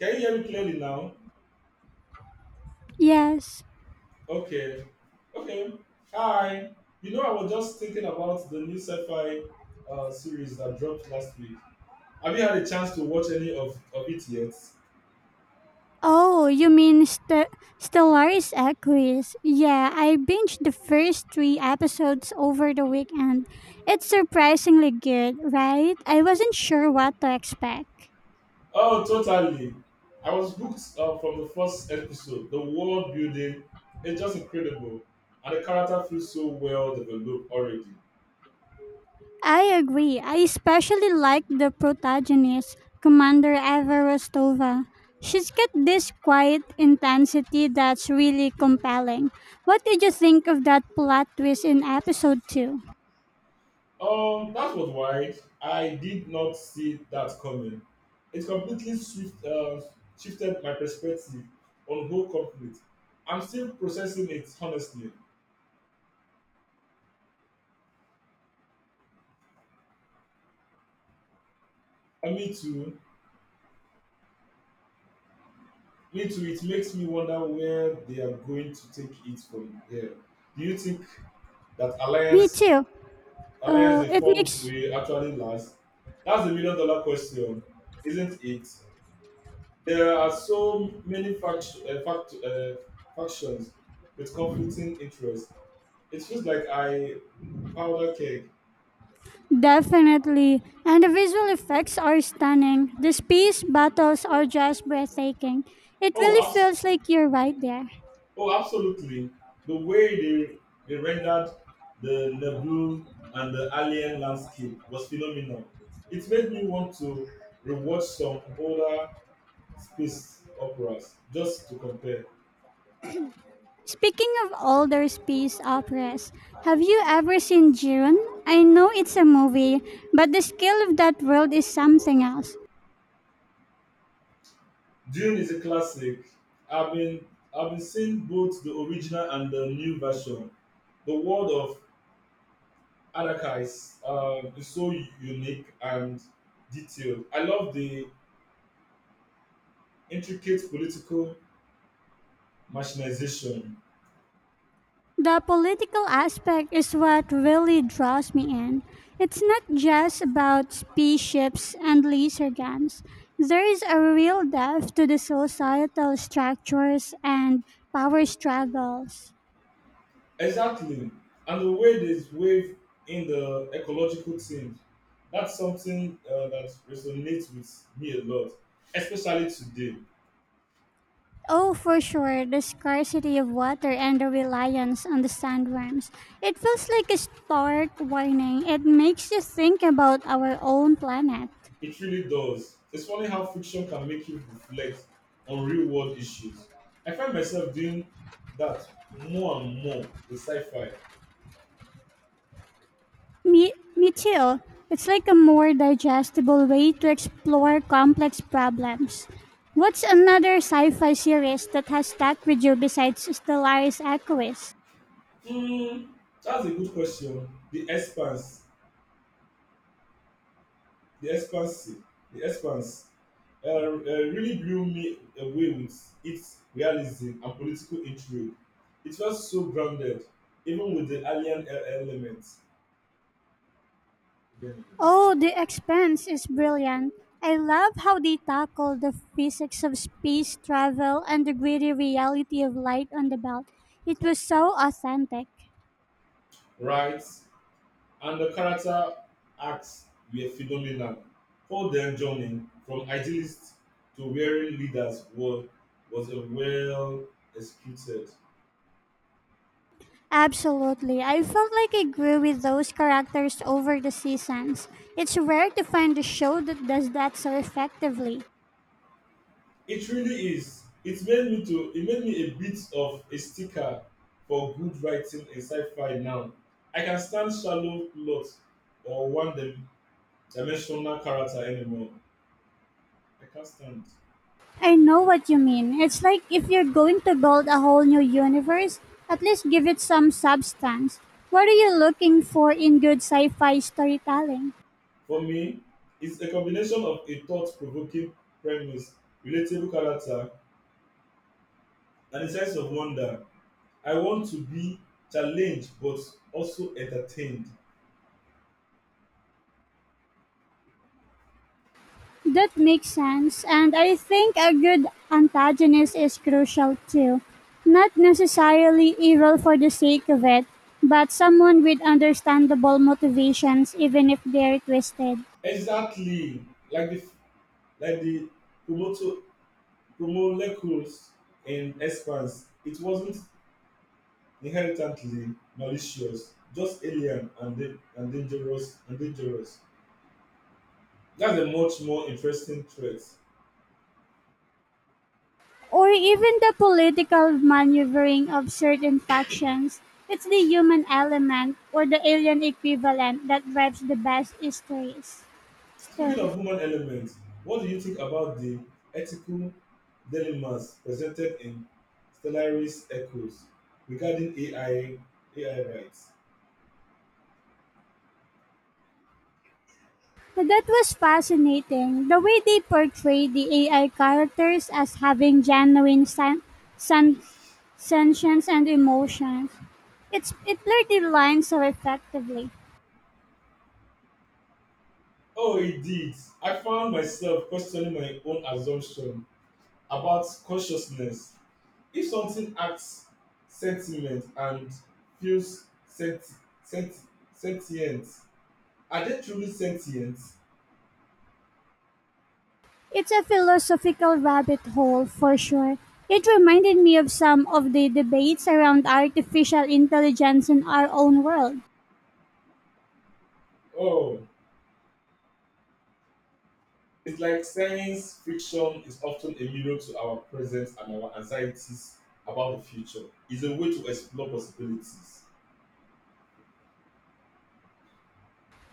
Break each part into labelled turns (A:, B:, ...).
A: Can you hear me clearly now?
B: Yes.
A: Okay. Okay. Hi. You know, I was just thinking about the new sci-fi series that dropped last week. Have you had a chance to watch of it yet?
B: Oh, you mean Stellaris Equus? Yeah, I binged the first three episodes over the weekend. It's surprisingly good, right? I wasn't sure what to expect.
A: Oh, totally. I was hooked from the first episode. The world building is just incredible, and the character feels so well developed already.
B: I agree. I especially like the protagonist, Commander Eva Rostova. She's got this quiet intensity that's really compelling. What did you think of that plot twist in episode 2?
A: That was wise. I did not see that coming. It completely shifted my perspective on whole conflict. I'm still processing it honestly. And me too. Me too. It makes me wonder where they are going to take it from here. Do you think that
B: Me
A: alliance
B: too.
A: alliance
B: Uh,
A: they
B: it
A: formed
B: makes
A: will actually last? That's the million dollar question, isn't it? There are so many factions with conflicting interests. It feels like I powder keg.
B: Definitely. And the visual effects are stunning. The space battles are just breathtaking. It
A: Oh,
B: really
A: abs-
B: feels like you're right there.
A: oh, absolutely. The way they rendered the Nebu and the alien landscape was phenomenal. It made me want to rewatch some older space operas just to compare.
B: Speaking of older space operas, have you ever seen Jiren? I know it's a movie, but the scale of that world is something else.
A: Dune is a classic. I've been I've been seeing both the original and the new version. The world of Adaka is so unique and detailed. I love the intricate political machinization.
B: The political aspect is what really draws me in. It's not just about spaceships and laser guns. There is a real depth to the societal structures and power struggles.
A: Exactly, and the way they wave in the ecological theme. That's something that resonates with me a lot, especially today.
B: Oh, for sure, the scarcity of water and the reliance on the sandworms. It feels like a stark warning. It makes you think about our own planet.
A: It really does. It's funny how fiction can make you reflect on real world issues. I find myself doing that more and more with sci fi.
B: Me too. It's like a more digestible way to explore complex problems. What's another sci-fi series that has stuck with you besides Stellaris Aquis?
A: Mm, that's a good question. The expanse, the expanse really blew me away with its realism and political intrigue. It felt so grounded, even with the element, um,
B: Oh, The Expanse is brilliant. I love how they tackle the physics of space travel and the gritty reality of light on the belt. It was so authentic.
A: right? And the character acts were phenomenal. Paul then joining from idealist to wearing leaders was a well executed.
B: Absolutely. I felt like I grew with those characters over the seasons. It's rare to find a show that does that so effectively.
A: It really is. It made me a bit of a sticker for good writing in sci-fi now. I can't stand shallow plot or one-dimensional character anymore. I can't stand.
B: I know what you mean. It's like if you're going to build a whole new universe, at least give it some substance. What are you looking for in good sci fi storytelling?
A: For me, it's a combination of a thought-provoking premise, relatable character, and a sense of wonder. I want to be challenged but also entertained.
B: That makes sense, and I think a good antagonist is crucial too. Not necessarily evil for the sake of it, but someone with understandable motivations, even if they're twisted.
A: Exactly. Like the like the Komoto To molecules in expanse, it wasn't inherently malicious, just and dangerous. That's a much more interesting threat.
B: Or even the political maneuvering of certain factions. It's the human element or the alien equivalent that drives the best stories.
A: Speaking
B: stories.
A: of human elements, what do you think about the ethical dilemmas presented in Stellaris Echoes regarding AI rights?
B: That was fascinating. The way they portray the AI characters as having genuine sen- sentience and emotions. It blurred the lines so effectively.
A: Oh, indeed. I found myself questioning my own assumption about consciousness if something acts sentiment and feels sent sentient are they truly sentient?
B: It's a philosophical rabbit hole for sure. It reminded me of some of the debates around artificial intelligence in our own world.
A: Oh, it's like science fiction is often a mirror to our present and our anxieties about the future. It's a way to explore possibilities.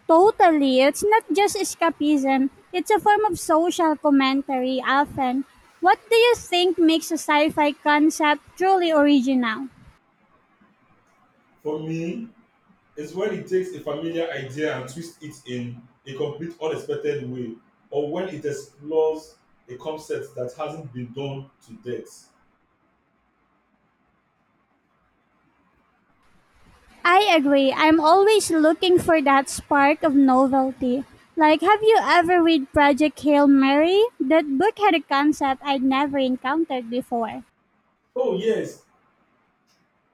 B: Totally. It's not just escapism, it's a form of social commentary often. What do you think makes a sci fi concept truly original?
A: For me, it's when it takes a familiar idea and twists it in a complete unexpected way, or when it explores a concept that hasn't been done to death.
B: I agree. I'm always looking for that spark of novelty. Like, have you ever read Project Hail Mary? That book had a concept I'd never encountered before.
A: Oh, yes,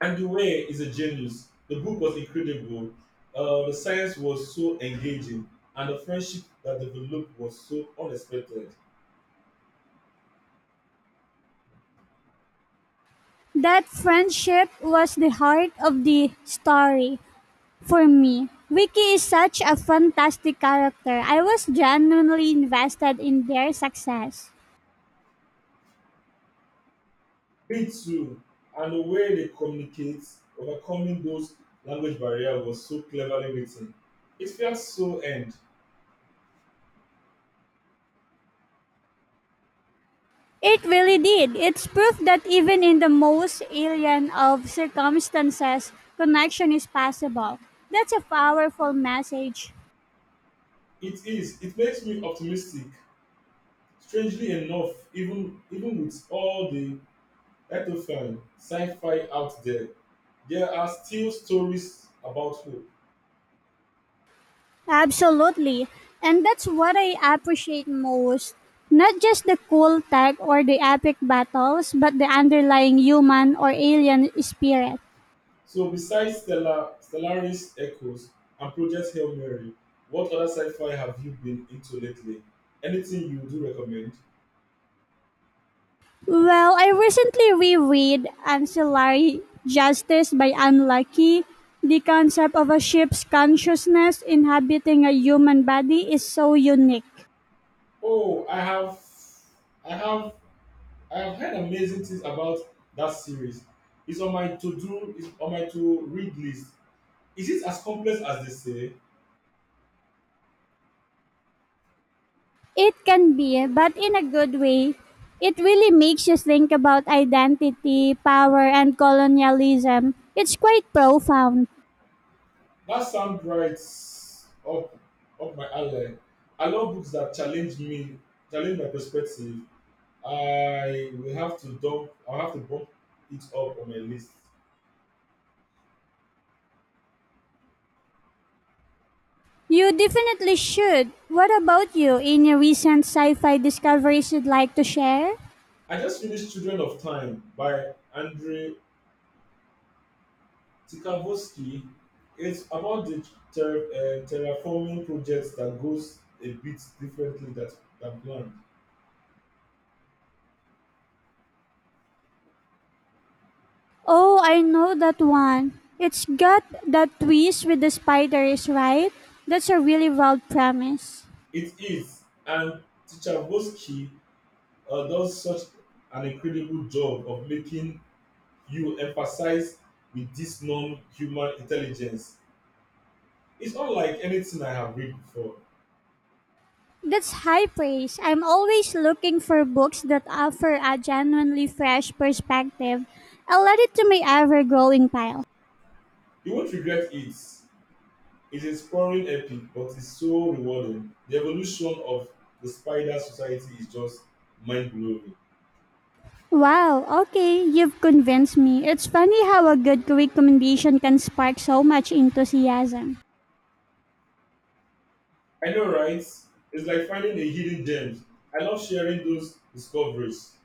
A: Andrew Weir is a genius. The book was incredible. The science was so engaging, and the friendship that developed was so unexpected.
B: That friendship was the heart of the story. For me, Vicky is such a fantastic character. I was genuinely invested in their success.
A: Me too. And the way they communicate, overcoming those language barriers, was so cleverly written. It felt so earned.
B: It really did. It's proof that even in the most alien of circumstances, connection is possible. That's a powerful message.
A: It is. It makes me optimistic. Strangely enough, even with all the ectofan sci-fi out there, there are still stories about hope.
B: Absolutely. And that's what I appreciate most. Not just the cool tech or the epic battles, but the underlying human or alien spirit.
A: So besides Stellaris Echoes and Project Hail Mary, what other sci-fi have you been into lately? Anything you do recommend?
B: Well, I recently reread Ancillary Justice by Anne Leckie. The concept of a ship's consciousness inhabiting a human body is so unique.
A: Oh, I have, I have heard amazing things about that series. It's on my it's on my to-read list. Is it as complex as they say?
B: It can be, but in a good way. It really makes you think about identity, power, and colonialism. It's quite profound.
A: That sounds up, up my alley. I love books that challenge me, challenge my perspective. I will have to dump. I'll have to bump it up on my list.
B: You definitely should. What about you? Any recent sci fi discoveries you'd like to share?
A: I just finished *Children of Time* by Andrei Tikavosky. It's about the terraforming project that goes a bit differently than planned.
B: Oh, I know that one. It's got that twist with the spiders, right? That's a really wild premise.
A: It is, and Tikavosky does such an incredible job of making you emphasize with this non-human intelligence. It's not like anything I have read before.
B: That's high praise. I'm always looking for books that offer a genuinely fresh perspective. I'll add it to my ever growing pile.
A: You won't regret it. It's a sprawling epic but it's so rewarding. The evolution of the spider society is just mind-blowing.
B: Wow, okay, you've convinced me. It's funny how a good recommendation can spark so much enthusiasm.
A: I know, right? It's like finding a hidden gem. I love sharing those discoveries.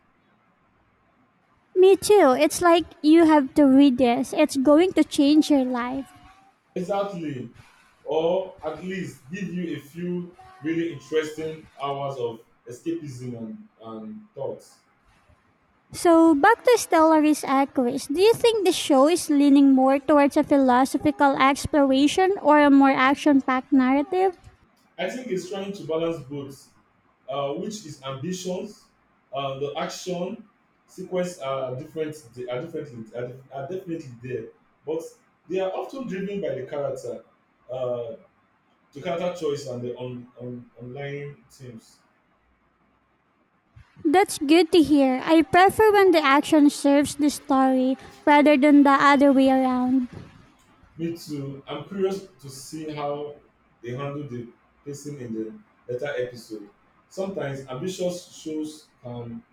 B: Me too. It's like you have to read this, it's going to change your life.
A: Exactly. Or at least give you a few really interesting hours of escapism and thoughts.
B: So back to Stellaris Aquis, do you think the show is leaning more towards a philosophical exploration or a more action-packed narrative?
A: I think it's trying to balance both which is ambitions. The action sequence are different. They are differently are, def- are definitely there, but they are often driven by uh, the character choice and the on online themes.
B: That's good to hear. I prefer when the action serves the story rather than the other way around.
A: Me too. I'm curious to see how they handle the pacing in the later episode. Sometimes ambitious shows can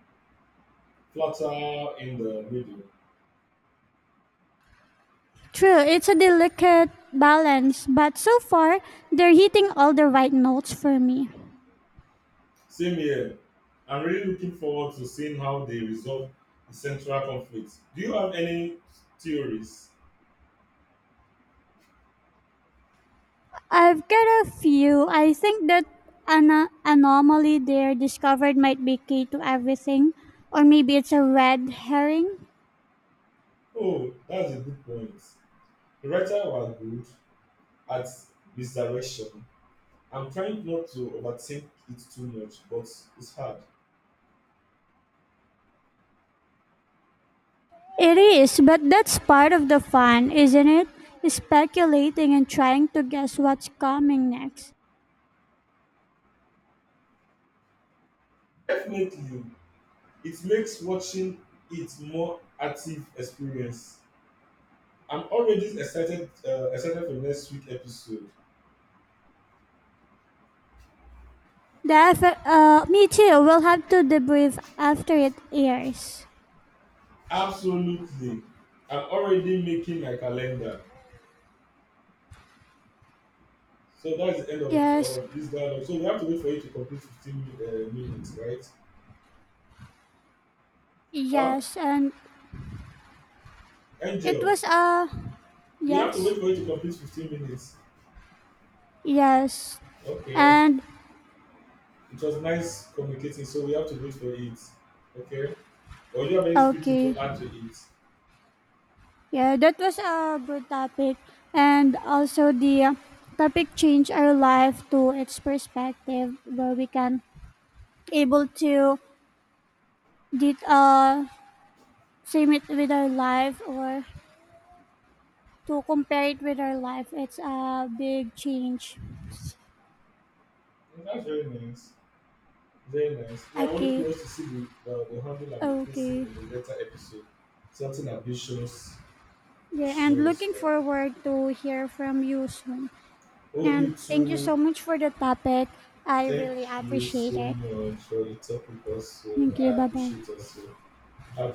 A: flatter in the middle.
B: True, it's a delicate balance, but so far they're hitting all the right notes for me.
A: Same here. I'm really looking forward to seeing how they resolve the central conflict. Do you have any theories?
B: I've got a few. I think that an anomaly there discovered might be key to everything, or maybe it's a red herring.
A: Oh, that's a good point. The writer were good at misdirection. I'm trying not to overthink it too much, but it's hard.
B: It is, but that's part of the fun, isn't it? Speculating and trying to guess what's coming next.
A: Definitely, it makes watching it more active experience. I'm already excited for next week episode.
B: Me too. We'll have to debrief after it airs.
A: Absolutely, I'm already making my calendar. So that's the end
B: Yes,
A: of this dialogue. So we have to wait for you to complete minutes, right? Huh?
B: yes, and it
A: Angel,
B: was uh,
A: we have to
B: yes,
A: wait for you to complete 15 minutes.
B: yes,
A: Okay.
B: and
A: It was nice communicating, so we have to wait for it. Okay. Or do you have anything
B: okay,
A: to add to it?
B: yeah, that was a good topic, and also the topic changed our life to its perspective where we can able to did same it with our life, or to compare it with our life, it's a big change.
A: Yeah, that's very nice. Very nice. Yeah, I'm only
B: Okay.
A: curious to see the handle and the placing
B: Okay,
A: in the later episode. Certain ambitions
B: yeah, and
A: shows
B: looking
A: that.
B: forward to hear from you soon,
A: Oh,
B: and
A: me
B: thank you
A: too.
B: so much for the topic, I
A: Thank
B: really
A: you
B: appreciate
A: so
B: it.
A: much for the topic also.
B: Thank
A: I
B: you, bye bye.
A: appreciate also. Okay.